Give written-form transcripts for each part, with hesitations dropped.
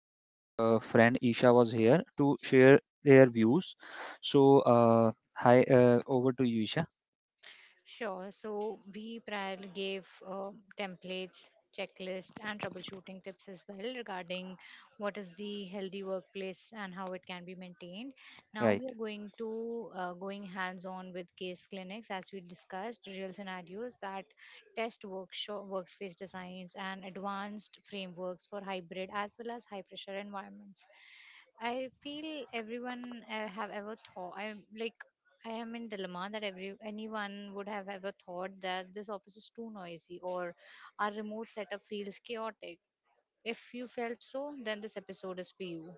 my friend Isha was here to share their views. So hi, over to you, Isha. Sure. So we prior gave templates, checklist, and troubleshooting tips as well regarding what is the healthy workplace and how it can be maintained. Now Right. we are going to going hands-on with case clinics as we discussed real scenarios that test workshop workspace designs and advanced frameworks for hybrid as well as high pressure environments. I feel everyone have ever thought. I'm like, I am in dilemma that every anyone would have ever thought that this office is too noisy or our remote setup feels chaotic. If you felt so, then this episode is for you.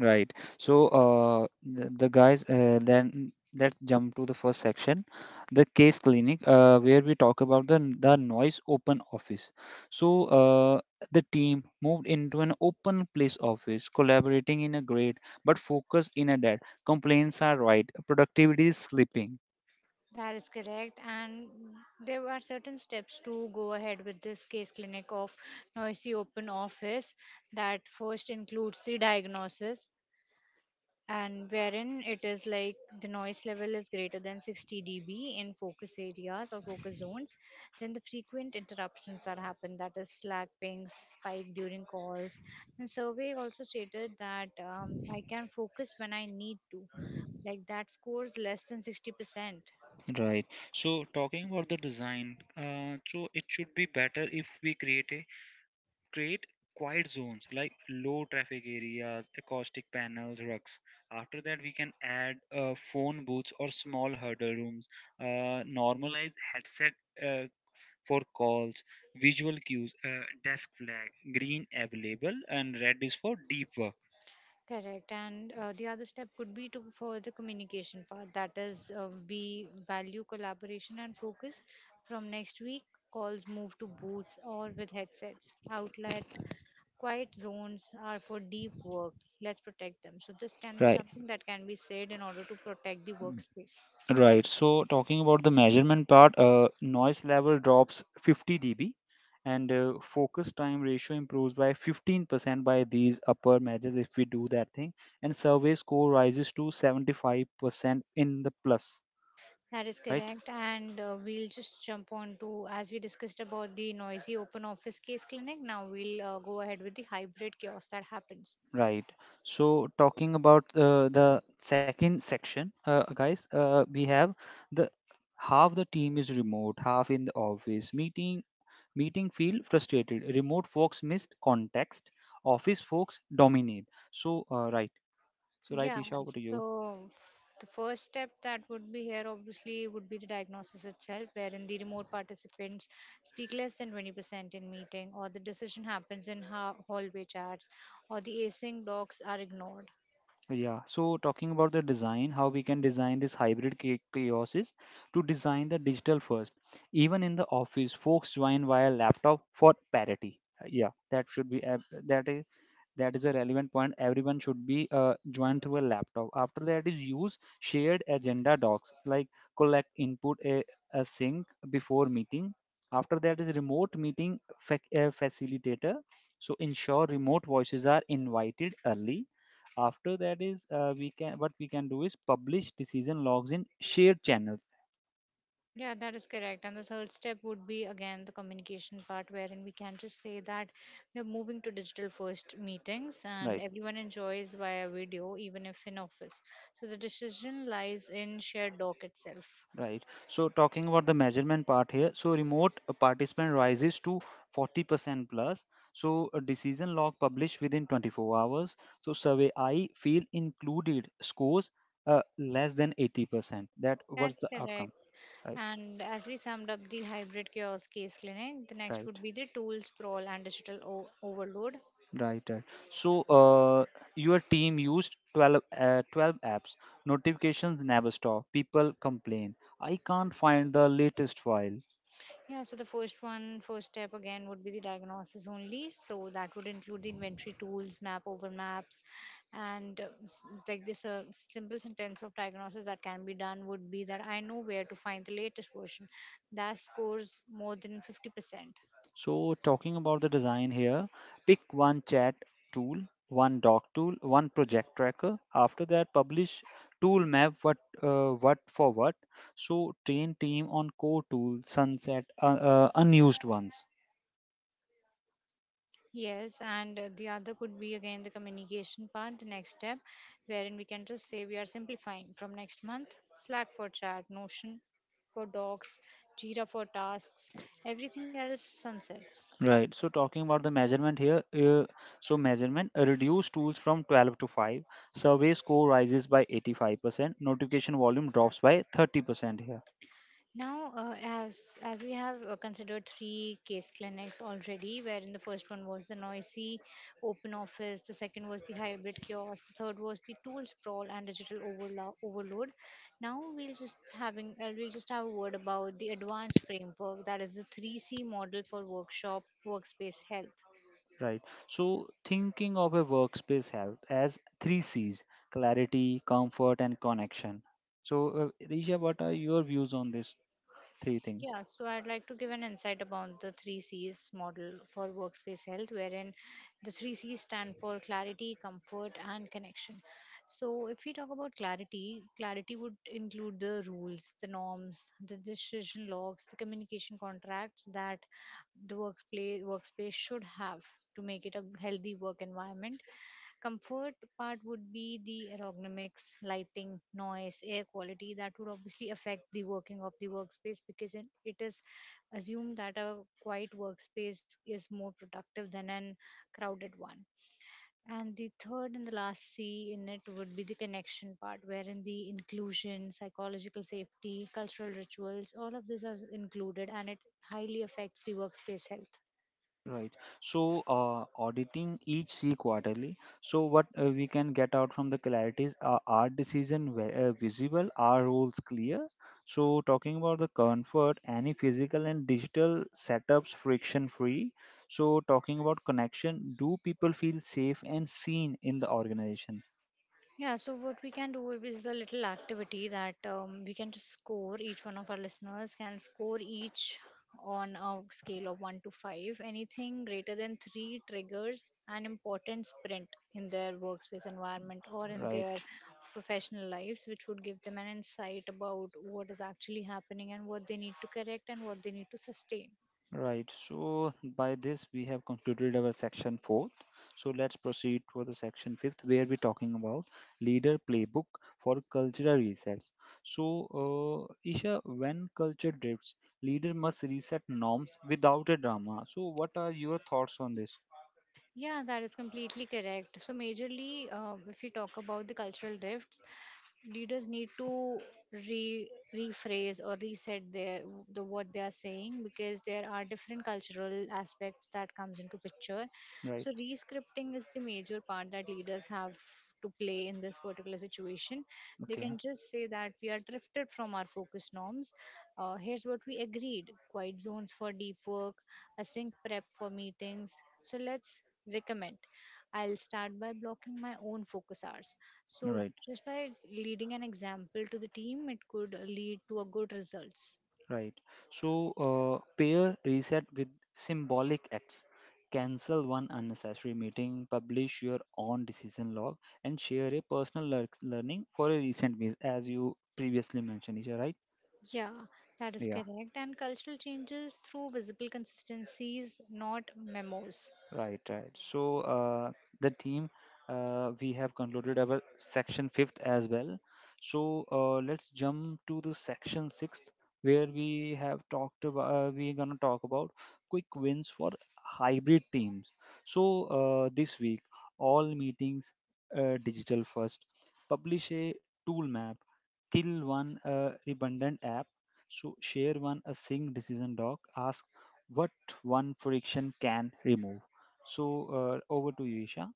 Right. So, then let's jump to the first section, the case clinic, where we talk about the noise open office. So, the team moved into an open place office, collaborating in a great but focused in a dead. Complaints are right, productivity is slipping. That is correct, and there are certain steps to go ahead with this case clinic of noisy open office. That first includes the diagnosis, and wherein it is like the noise level is greater than 60 dB in focus areas or focus zones, then the frequent interruptions that happen, that is slack pings, spike during calls. The survey also stated that I can focus when I need to, like that scores less than 60%. Right. So, talking about the design, so it should be better if we create quiet zones like low traffic areas, acoustic panels, rugs. After that, we can add phone booths or small huddle rooms, normalize headset uh, for calls, visual cues, desk flag, green available, and red is for deep work. Correct. And the other step could be to for the communication part. That is, we value collaboration and focus. From next week, calls move to booths or with headsets. Outlet quiet zones are for deep work. Let's protect them. So this can be Right. something that can be said in order to protect the workspace. Right. So talking about the measurement part, noise level drops 50 dB and focus time ratio improves by 15% by these upper measures if we do that thing, and survey score rises to 75% in the plus. That is Right, correct. And we'll just jump on to, as we discussed about the noisy open office case clinic, now we'll go ahead with the hybrid chaos that happens. right. So talking about the second section, guys we have the half the team is remote, half in the office. Meeting feel frustrated, remote folks missed context, office folks dominate. So right, Yeah, Isha, over to you. so the first step that would be here obviously would be the diagnosis itself, wherein the remote participants speak less than 20% in meeting, or the decision happens in hallway chats, or the async docs are ignored. Yeah, so talking about the design, how we can design this chaos is to design the digital first, even in the office folks join via laptop for parity. Yeah, that should be ab- that is a relevant point, everyone should be joined through a laptop. After that is use shared agenda docs like collect input a sync before meeting. After that is remote meeting fac facilitator, so ensure remote voices are invited early. After that is, we can what we can do is publish decision logs in shared channels. Yeah, that is correct. And the third step would be again the communication part, wherein we can just say that we're moving to digital first meetings and Right. everyone enjoys via video, even if in office. So the decision lies in shared doc itself. Right. So talking about the measurement part here, so remote participant rises to 40% plus. So a decision log published within 24 hours. So survey I feel included scores less than 80%. That was That's the outcome. correct. Right. And as we summed up the hybrid chaos case clinic, the next Right. would be the tool sprawl and digital overload. Right. Right. So your team used 12 apps. Notifications never stop. People complain. I can't find the latest file. Yeah, so the first one, first step again would be the diagnosis only. So that would include the inventory tools, map over maps, and s- like this simple sentence of diagnosis that can be done would be that I know where to find the latest version that scores more than 50%. So, talking about the design here, pick one chat tool, one doc tool, one project tracker. After that, publish tool map, what for what. So, train team on core tools, sunset unused ones. Yes, and the other could be again the communication part, the next step, wherein we can just say we are simplifying from next month: Slack for chat, Notion for docs, Jira for tasks, everything else sunsets. Right. So, talking about the measurement here, so measurement reduce tools from 12 to 5. Survey score rises by 85%. Notification volume drops by 30% here. Now, as we have considered three case clinics already, wherein the first one was the noisy open office, the second was the hybrid kiosk, the third was the tool sprawl and digital overload. Now we'll just having we'll just have a word about the advanced framework, that is the 3C model for workshop workspace health. Right. So, thinking of a workspace health as three C's: clarity, comfort, and connection. So, Risha, what are your views on these three things? Yeah, so I'd like to give an insight about the three C's model for workspace health, wherein the three C's stand for clarity, comfort, and connection. So, if we talk about clarity, clarity would include the rules, the norms, the decision logs, the communication contracts that the workplace workspace should have to make it a healthy work environment. Comfort part would be the ergonomics, lighting, noise, air quality that would obviously affect the working of the workspace, because it is assumed that a quiet workspace is more productive than an crowded one. And the third and the last C in it would be the connection part, wherein the inclusion, psychological safety, cultural rituals, all of this is included and it highly affects the workspace health. Right. So, auditing each C quarterly. So, what we can get out from the clarity is our visible? Our rules clear? So, talking about the comfort, any physical and digital setups friction free. So, talking about connection, do people feel safe and seen in the organization? Yeah, so what we can do is a little activity that we can just score, each one of our listeners can score each on a scale of 1 to 5. Anything greater than 3 triggers an important sprint in their workspace environment or in Right. their professional lives, which would give them an insight about what is actually happening and what they need to correct and what they need to sustain. Right, so by this we have concluded our section fourth. So let's proceed for the section fifth, where we're talking about leader playbook for cultural resets. So, Isha, when culture drifts, leader must reset norms without a drama. So, what are your thoughts on this? Yeah, that is completely correct. So, majorly, if you talk about the cultural rifts, leaders need to re rephrase or reset their the what they are saying, because there are different cultural aspects that comes into picture. Right, So, re-scripting is the major part that leaders have to play in this particular situation. They can okay, just say that we are drifted from our focus norms. Here's what we agreed: quiet zones for deep work, a sync prep for meetings. So let's recommend, I'll start by blocking my own focus hours, so right. just by leading an example to the team it could lead to a good results. Right. So pair reset with symbolic acts. Cancel one unnecessary meeting, publish your own decision log, and share a personal learning for a recent miss, as you previously mentioned. Is that right? Yeah, that is Yeah. correct, and cultural changes through visible consistencies, not memos. Right, right. So the team, we have concluded our section fifth as well. So let's jump to the section sixth, where we're gonna talk about quick wins for hybrid teams. So this week, all meetings digital first. Publish a tool map, kill one redundant app. So share one a sync decision doc. Ask what one friction can remove. So over to you, Isha.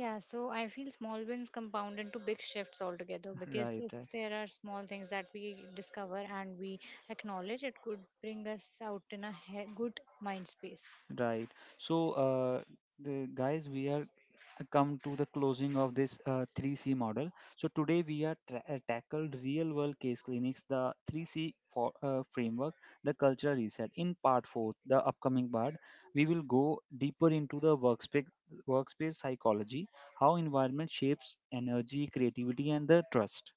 Yeah, so I feel small wins compound into big shifts altogether, because Right, if right, there are small things that we discover and we acknowledge it could bring us out in a good mind space. right. So we are come to the closing of this 3C model. So today we tackled real world case clinics, the 3C for, framework, the cultural reset. In part four, the upcoming part, we will go deeper into the workspace psychology, how environment shapes energy, creativity, and the trust.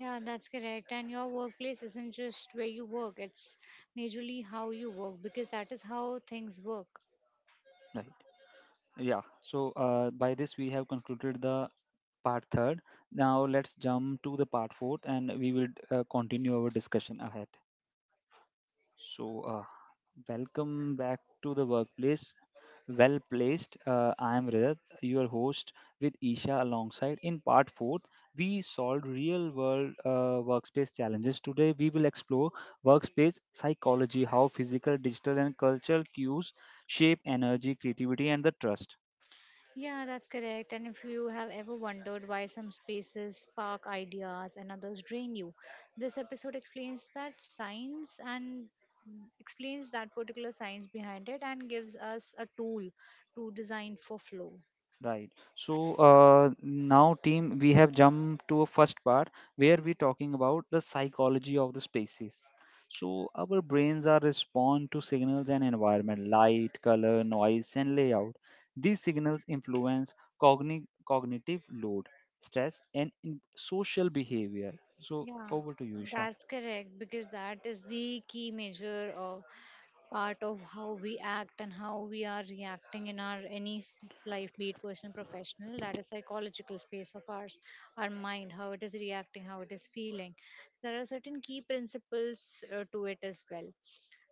Yeah, that's correct. And your workplace isn't just where you work, it's majorly how you work, because that is how things work. Right. Yeah, so by this we have concluded the part third. Now let's jump to the part fourth and we will continue our discussion ahead. So, welcome back to the workplace. Well placed. I am Rajat, your host with Isha alongside. In part fourth, we solved real world workspace challenges. Today, we will explore workspace psychology, how physical, digital, and cultural cues shape energy, creativity, and the trust. Yeah, that's correct. And if you have ever wondered why some spaces spark ideas and others drain you, this episode explains that science and explains that particular science behind it and gives us a tool to design for flow. Right. So now, team, we have jumped to a first part where we're talking about the psychology of the spaces. So our brains are respond to signals and environment, light, color, noise, and layout. These signals influence cognitive load, stress, and in- social behavior. So Yeah, over to you, Isha. that's correct, because that is the key major of part of how we act and how we are reacting in our life, be it personal, professional. That is psychological space of ours, our mind, how it is reacting, how it is feeling. There are certain key principles to it as well.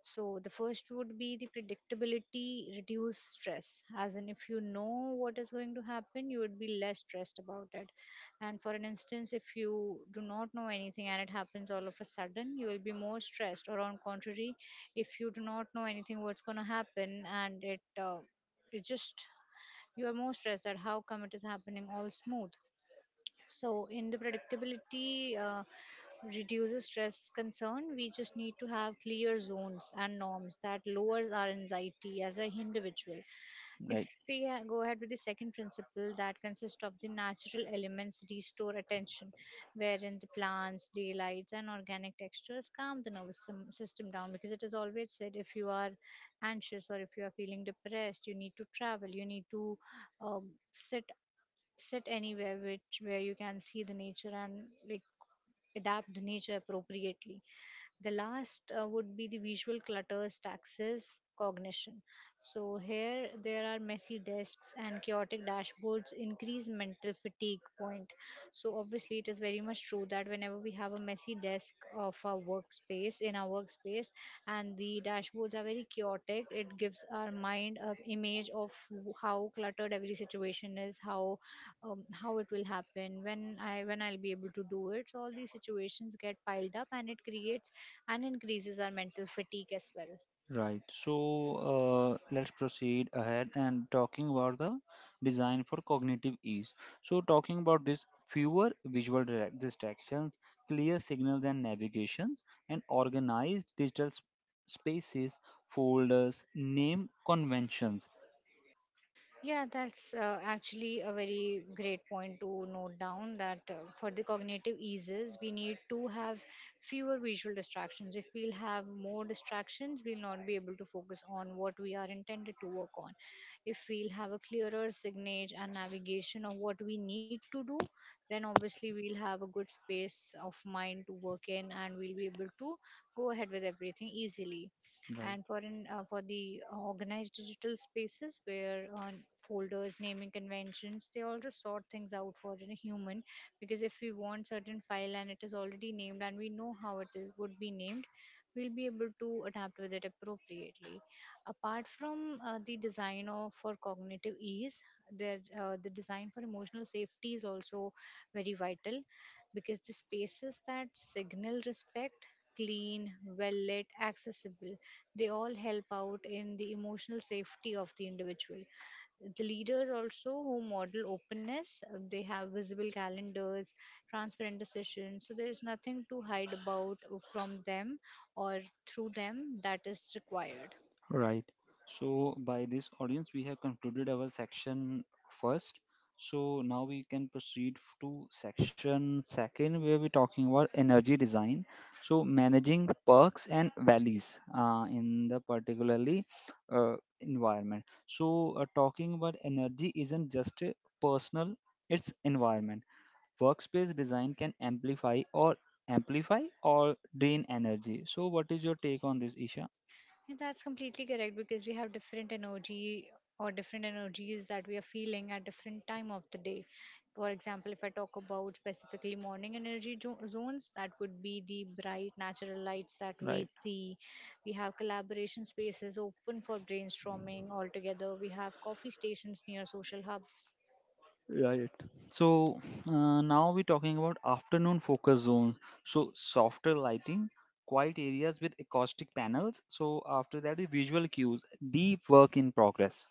So the first would be the predictability, reduce stress. As in, if you know what is going to happen, you would be less stressed about it, and for an instance, if you do not know anything and it happens all of a sudden, you will be more stressed. Or on contrary, if you do not know anything, what's going to happen, and it just you are more stressed that how come it is happening all smooth. So in the predictability reduces stress concern, we just need to have clear zones and norms that lowers our anxiety as an individual. If Right. we go ahead with the second principle that consists of the natural elements restore attention, wherein the plants, daylights, and organic textures calm the nervous system down, because it is always said if you are anxious or if you are feeling depressed, you need to travel, you need to um, sit sit anywhere which where you can see the nature and like adapt the nature appropriately. The last would be the visual clutters, taxes, cognition. So here there are messy desks and chaotic dashboards increase mental fatigue point. So obviously it is very much true that whenever we have a messy desk of our workspace in our workspace and the dashboards are very chaotic, it gives our mind a image of how cluttered every situation is, how it will happen when I'll be able to do it, so all these situations get piled up and it creates and increases our mental fatigue as well. Right. So let's proceed ahead and talking about the design for cognitive ease. So talking about this, fewer visual distractions, clear signals and navigations, and organized spaces, folders, name conventions. Yeah, that's actually a very great point to note down that for the cognitive eases, we need to have fewer visual distractions. If we'll have more distractions, we'll not be able to focus on what we are intended to work on. If we'll have a clearer signage and navigation of what we need to do, then obviously we'll have a good space of mind to work in and we'll be able to go ahead with everything easily, Right. and for an for the organized digital spaces where folders naming conventions, they also sort things out for a human, because if we want certain file and it is already named and we know how it is, would be named, we'll be able to adapt with it appropriately. Apart from the design of for cognitive ease, there the design for emotional safety is also very vital, because the spaces that signal respect, clean, well lit, accessible, they all help out in the emotional safety of the individual. The leaders also who model openness, they have visible calendars, transparent decisions, so there is nothing to hide about from them or through them that is required. Right. So by this, audience, we have concluded our section first. So now we can to section second, where we're talking about energy design. So managing perks and valleys in the particularly environment. So talking about energy isn't just a personal; it's environment. Workspace design can amplify or drain energy. So what is your take on this, Isha? Yeah, that's completely correct, because we have different energy or different energies that we are feeling at different time of the day. For example, if I talk about specifically morning energy zones, that would be the bright natural lights that we Right. see. We have collaboration spaces open for brainstorming altogether. We have coffee stations near social hubs. So now we're talking about afternoon focus zones. So softer lighting, quiet areas with acoustic panels. So after that, the visual cues, deep work in progress.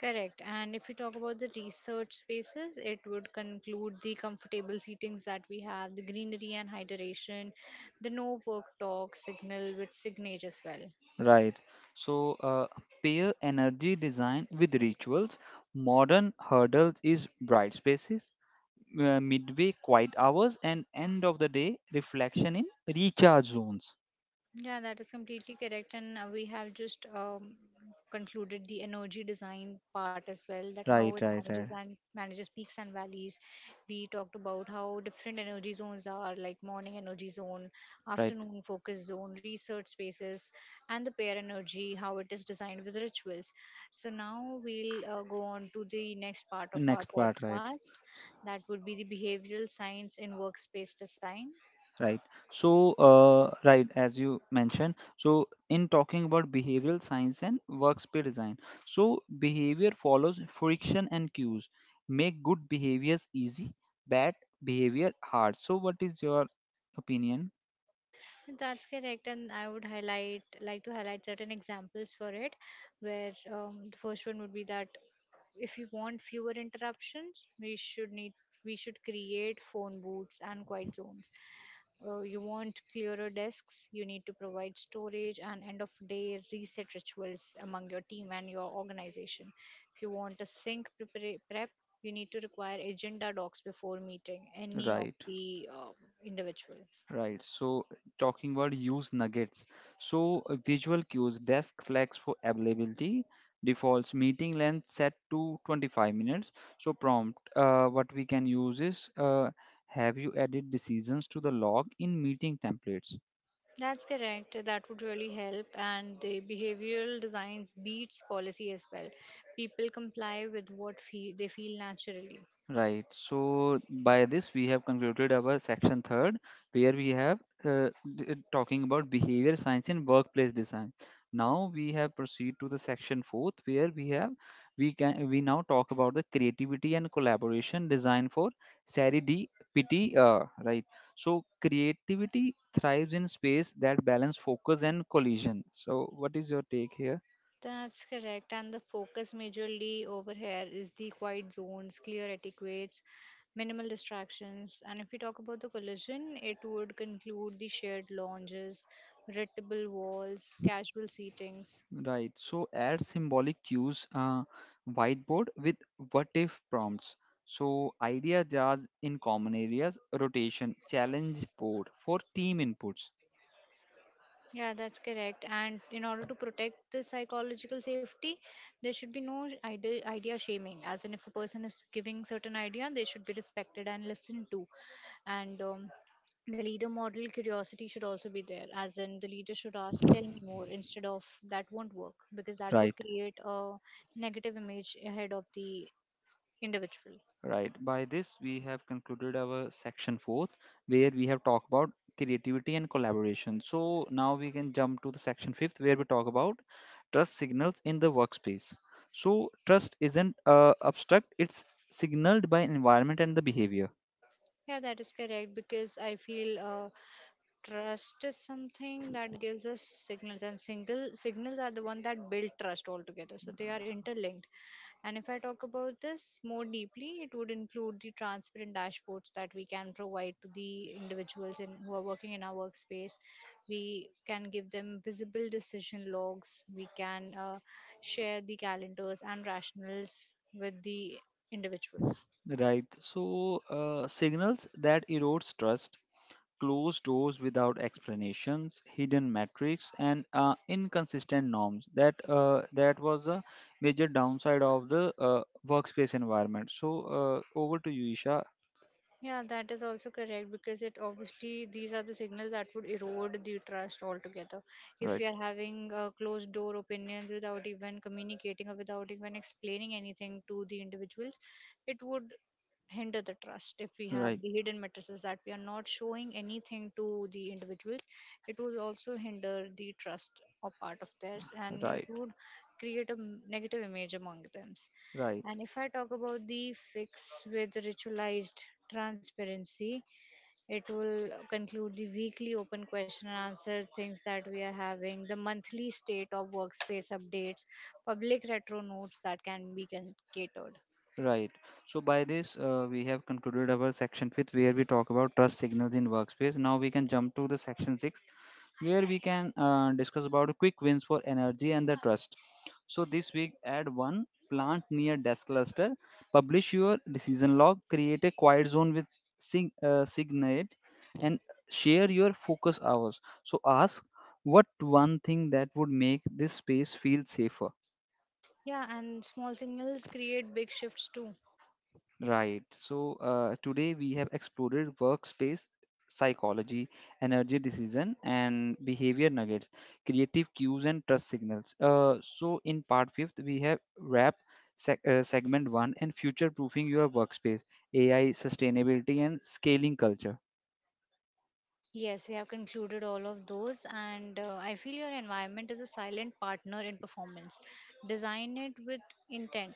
Correct. And if we talk about the research spaces, it would conclude the comfortable seatings that we have, the greenery and hydration, the no work talk signal with signage as well. Right. So pair energy design with rituals. Modern hurdles is bright spaces, midway quiet hours, and end of the day reflection in recharge zones. Yeah, that is completely correct. And we have just concluded the energy design part as well, that how it Right. Right. manages Right. and manages peaks and valleys. We talked about how different energy zones are, like morning energy zone, Right. afternoon focus zone, research spaces, and the pair energy, how it is designed with rituals. So now we'll go on to the next part of our Next part. Right. podcast. That would be the behavioral science in workspace design. Right. So, right, as you mentioned, so in talking about behavioral science and workspace design, so behavior follows friction and cues. Make good behaviors easy, bad behavior hard. So, what is your opinion? That's correct, and I would highlight like to highlight certain examples for it, where the first one would be that if you want fewer interruptions, we should create phone booths and quiet zones. You want clearer desks, you need to provide storage and end of day reset rituals among your team and your organization. If you want a prep, you need to require agenda docs before meeting any of Right. the individual. Right. So talking about use nuggets. So visual cues, desk flex for availability, defaults meeting length set to 25 minutes. So prompt, what we can use is have you added decisions to the log in meeting templates? That's correct. That would really help. And the behavioral designs beats policy as well. People comply with what fe they feel naturally. Right. So by this we have concluded our section third, where we have uh, talking about behavior science in workplace design. Now we have proceed to the section fourth, where we have we can we now talk about the creativity and collaboration design for Sari Pity. Right. So creativity thrives in space that balance focus and collision. So what is your take here? That's correct. And the focus majorly over here is the quiet zones, clear etiquettes, minimal distractions. And if we talk about the collision, it would conclude the shared lounges, retractable walls, casual seatings. Right. So add symbolic cues, whiteboard with what if prompts. So idea jars in common areas, rotation, challenge board for team inputs. Yeah, that's correct. And in order to protect the psychological safety, there should be no idea, idea shaming. As in, if a person is giving certain idea, they should be respected and listened to. And the leader model curiosity should also be there. As in, the leader should ask, "Tell me more," instead of "That won't work," because that would Right. create a negative image ahead of the individual. Right. By this, we have concluded our section fourth, where we have talked about creativity and collaboration. So now we can jump to the section fifth, where we talk about trust signals in the workspace. So trust isn't abstract; it's signaled by environment and the behavior. Yeah, that is correct. Because I feel. Trust is something that gives us signals, and single signals are the one that build trust altogether. So they are interlinked. And if I talk about this more deeply, it would include the transparent dashboards that we can provide to the individuals in, who are working in our workspace. We can give them visible decision logs. We can share the calendars and rationals with the individuals. Right. So, signals that erodes trust, closed doors without explanations, hidden metrics, and inconsistent norms. That was a major downside of the workspace environment. So, over to you, Isha. Yeah, that is also correct because it obviously these are the signals that would erode the trust altogether. If Right. we are having closed door opinions without even communicating or without even explaining anything to the individuals, it would hinder the trust if we have Right. the hidden matrices that we are not showing anything to the individuals, it would also hinder the trust or part of theirs, and it Right. would create a negative image among them, Right. and if I talk about the fix with ritualized transparency, it will conclude the weekly open question and answer things that we are having, the monthly state of workspace updates, public retro notes that catered. Right. So by this, we have concluded our section fifth, where we talk about trust signals in workspace. Now we can jump to the section six, where we can discuss about quick wins for energy and the trust. So this week, add one plant near desk cluster, publish your decision log, create a quiet zone with Signate, and share your focus hours. So ask what one thing that would make this space feel safer. Yeah, and small signals create big shifts too. Right. So today we have explored workspace psychology, energy decision, and behavior nuggets, creative cues, and trust signals. So in part fifth, we have wrap segment one and future proofing your workspace, AI, sustainability, and scaling culture. Yes, we have concluded all of those, and I feel your environment is a silent partner in performance. Design it with intent,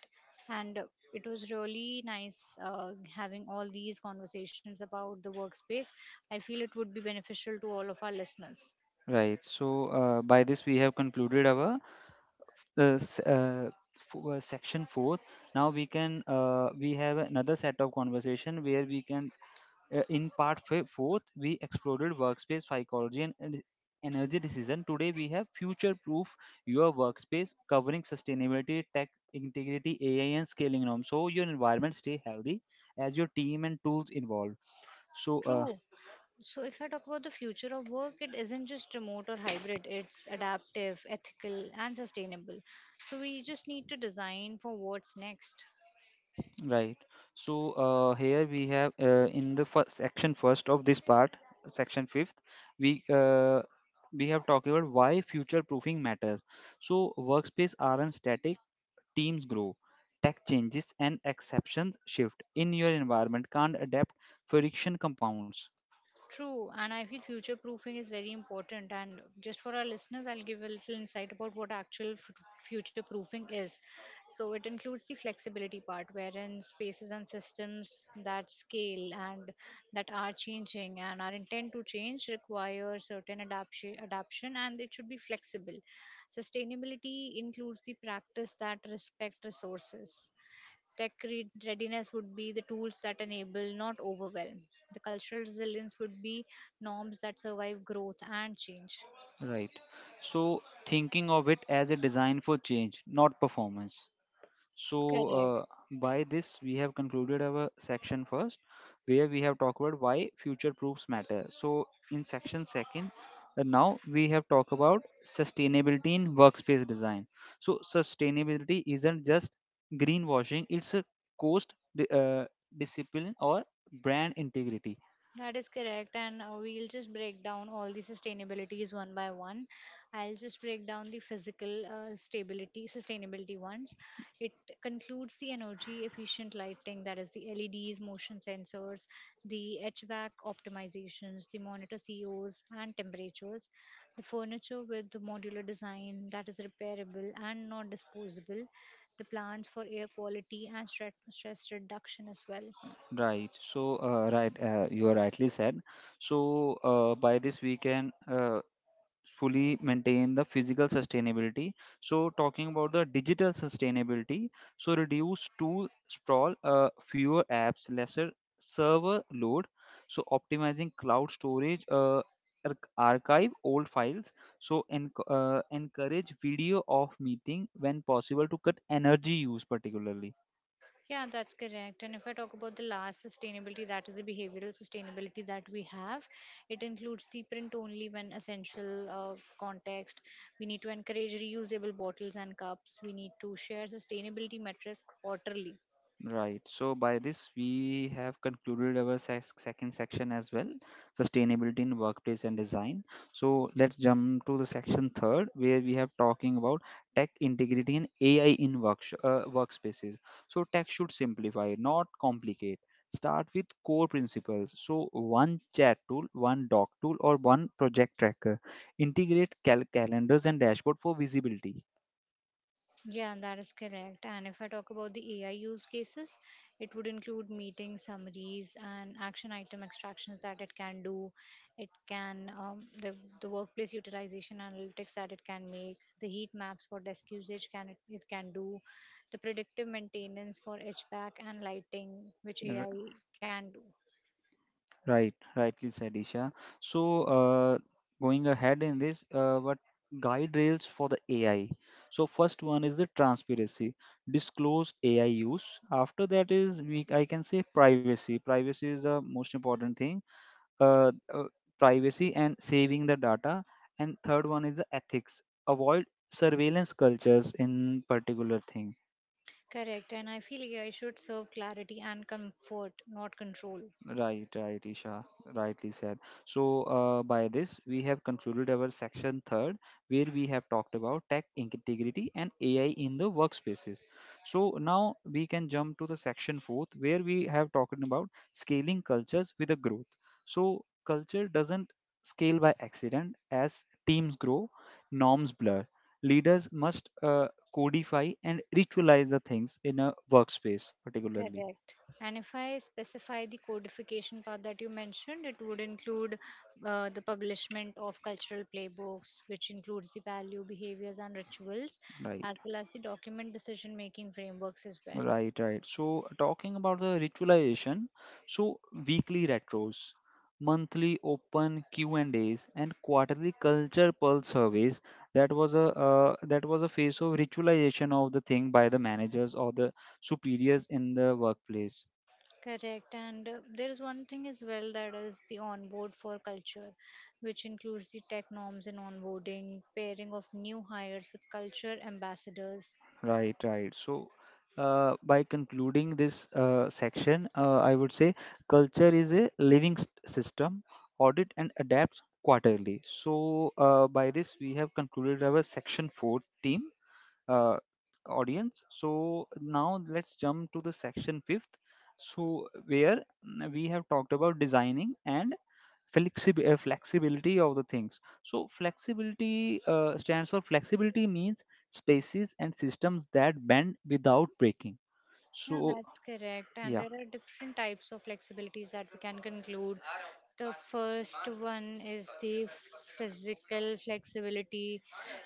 and it was really nice having all these conversations about the workspace. I feel it would be beneficial to all of our listeners. Right. So by this, we have concluded our uh, s- uh, section four. Now we can we have another set of conversation where we can In part fourth, we explored workspace psychology and energy decision. Today, we have future proof your workspace covering sustainability, tech integrity, AI, and scaling norms. So, your environment stay healthy as your team and tools evolve. So, True. So, if I talk about the future of work, it isn't just remote or hybrid, it's adaptive, ethical, and sustainable. So, we just need to design for what's next. right. Here we have in the first section first of this part, section fifth, we uh, we have talked about why future proofing matters. So, workspace aren't static, teams grow, tech changes, and exceptions shift. In your environment can't adapt, friction compounds. True, and I feel future proofing is very important. And just for our listeners, I'll give a little insight about what actual future proofing is. So, it includes the flexibility part, wherein spaces and systems that scale and that are changing and are intent to change require certain adaptation, adaption, and it should be flexible. Sustainability includes the practice that respect resources. Readiness would be the tools that enable, not overwhelm. The cultural resilience would be norms that survive growth and change. Right. So, thinking of it as a design for change, not performance. So, uh, Correct. by this, we have concluded our section first, where we have talked about why future proofs matter. So, in section second, now we have talked about sustainability in workspace design. So, sustainability isn't just greenwashing, it's a cost di- uh, discipline or brand integrity. That is correct, and we'll just break down all the sustainabilities one by one. I'll just break down the physical sustainability ones. It concludes the energy efficient lighting, that is the LEDs, motion sensors, the HVAC optimizations, the monitor COs and temperatures, the furniture with the modular design that is repairable and not disposable, the plans for air quality and stress reduction as well. Right. You are rightly said. By this, we can fully maintain the physical sustainability. So, talking about the digital sustainability, so reduce tool sprawl, fewer apps, lesser server load, so optimizing cloud storage. Ar- Archive old files, so encourage video of meeting when possible to cut energy use particularly. Yeah, that's correct. And if I talk about the last sustainability, that is the behavioral sustainability that we have. It includes the print only when essential context. We need to encourage reusable bottles and cups. We need to share sustainability metrics quarterly. Right. So by this, we have concluded our sex second section as well, sustainability in workplace and design. So let's jump to the section third, where we have talking about tech integrity and AI in workspaces. So tech should simplify, not complicate. Start with core principles. So one chat tool, one doc tool, or one project tracker. Integrate calendars and dashboard for visibility. Yeah, that is correct. And if I talk about the AI use cases, it would include meeting summaries and action item extractions that it can do. It can the workplace utilization analytics that it can make, the heat maps for desk usage it can do, the predictive maintenance for HVAC and lighting, which AI can do. Right, rightly said, Isha. So, uh, going ahead in this, what guide rails for the AI? So, first one is the transparency, disclose AI use. After that is, we, I can say, privacy. Privacy is the most important thing. Uh, uh, privacy and saving the data. And third one is the ethics. Avoid surveillance cultures in particular thing. Correct. And I feel AI should serve clarity and comfort, not control. Right, right, Isha, rightly said. By this, we have concluded our section third, where we have talked about tech integrity and AI in the workspaces. So, now we can jump to the section fourth, where we have talked about scaling cultures with a growth. So, culture doesn't scale by accident, as teams grow, norms blur. Leaders must codify and ritualize the things in a workspace, particularly. Correct. And if I specify the codification part that you mentioned, it would include the publishment of cultural playbooks, which includes the value, behaviors, and rituals, Right. as well as the document decision making frameworks as well. Right, right. So, talking about the ritualization, so weekly retros, monthly open Q and A's, and quarterly culture pulse surveys. That was a phase of ritualization of the thing by the managers or the superiors in the workplace. Correct. And there is one thing as well that is the onboard for culture, which includes the tech norms and onboarding, pairing of new hires with culture ambassadors. Right, right. By concluding this section, I would say culture is a system, audit and adapts quarterly. By this, we have concluded our section four theme uh, audience. So, now let's jump to the section fifth. So, where we have talked about designing and flexibility of the things, so flexibility stands for, flexibility means spaces and systems that bend without breaking. Yeah, So that's correct. And yeah, there are different types of flexibilities that we can conclude. The first one is the physical flexibility,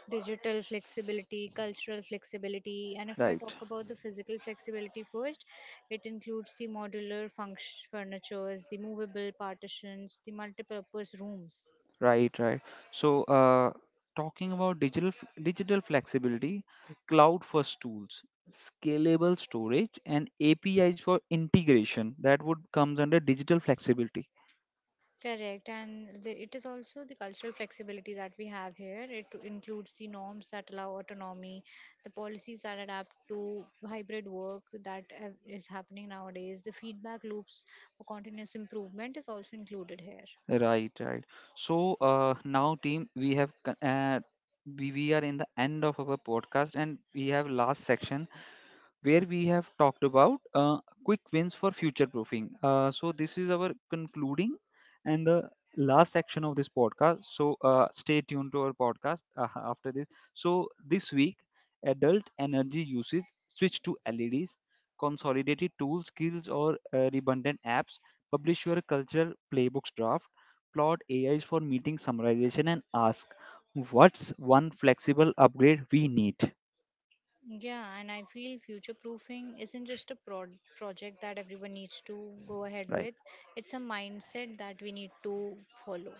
digital flexibility, cultural flexibility. And if I talk right, about the physical flexibility first, it includes the modular furnitures, the movable partitions, the multipurpose rooms. right, right. so uh, talking about digital flexibility: cloud first tools, scalable storage, and apis for integration, that would comes under digital flexibility. Correct, and it is also the cultural flexibility that we have here. It includes the norms that allow autonomy, the policies that adapt to hybrid work that is happening nowadays, the feedback loops for continuous improvement is also included here. Right, right. Now, team, we are in the end of our podcast, and we have last section where we have talked about quick wins for future proofing. So, this is our concluding and the last section of this podcast. Stay tuned to our podcast after this. So, this week, adult energy usage switch to LEDs, consolidated tools, skills or redundant apps, publish your cultural playbooks draft, plot AIs for meeting summarization, and ask what's one flexible upgrade we need. Yeah, and I feel future proofing isn't just a project that everyone needs to go ahead Right. with, it's a mindset that we need to follow.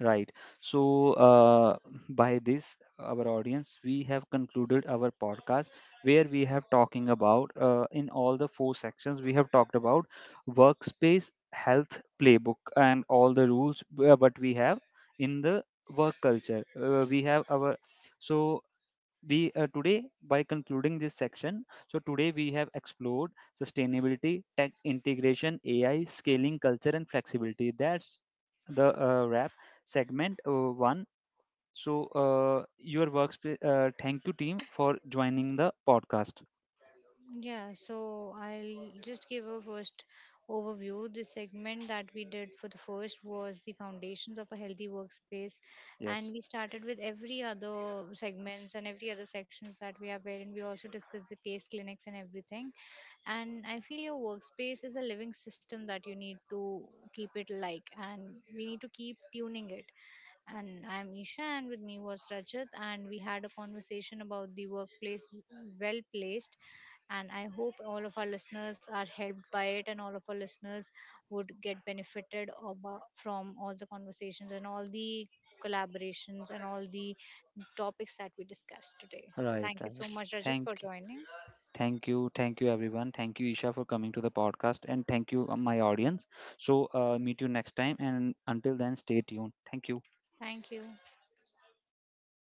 Right. So, uh, by this, our audience, we have concluded our podcast where we have talking about in all the four sections we have talked about workspace, health playbook, and all the rules what we have in the work culture. We have our so we today by concluding this section, so today we have explored sustainability, tech integration, AI, scaling culture, and flexibility. That's the wrap segment one. so your workspace, thank you team for joining the podcast. Yeah, so I'll just give a first overview. The segment that we did for the first was the foundations of a healthy workspace, and Yes, we started with every other segments and every other sections that we have, wherein we also discussed the case clinics and everything. And I feel your workspace is a living system that you need to keep it like, and we need to keep tuning it. And I'm Isha, and with me was Rajat, and we had a conversation about the workplace well placed, and I hope all of our listeners are helped by it, and all of our listeners would get benefited from all the conversations and all the collaborations and all the topics that we discussed today. So right, thank you so right. much, Rajat, for thank joining. Thank you, thank you everyone, thank you Isha for coming to the podcast, and thank you, my audience. Meet you next time, and until then stay tuned. Thank you. Thank you.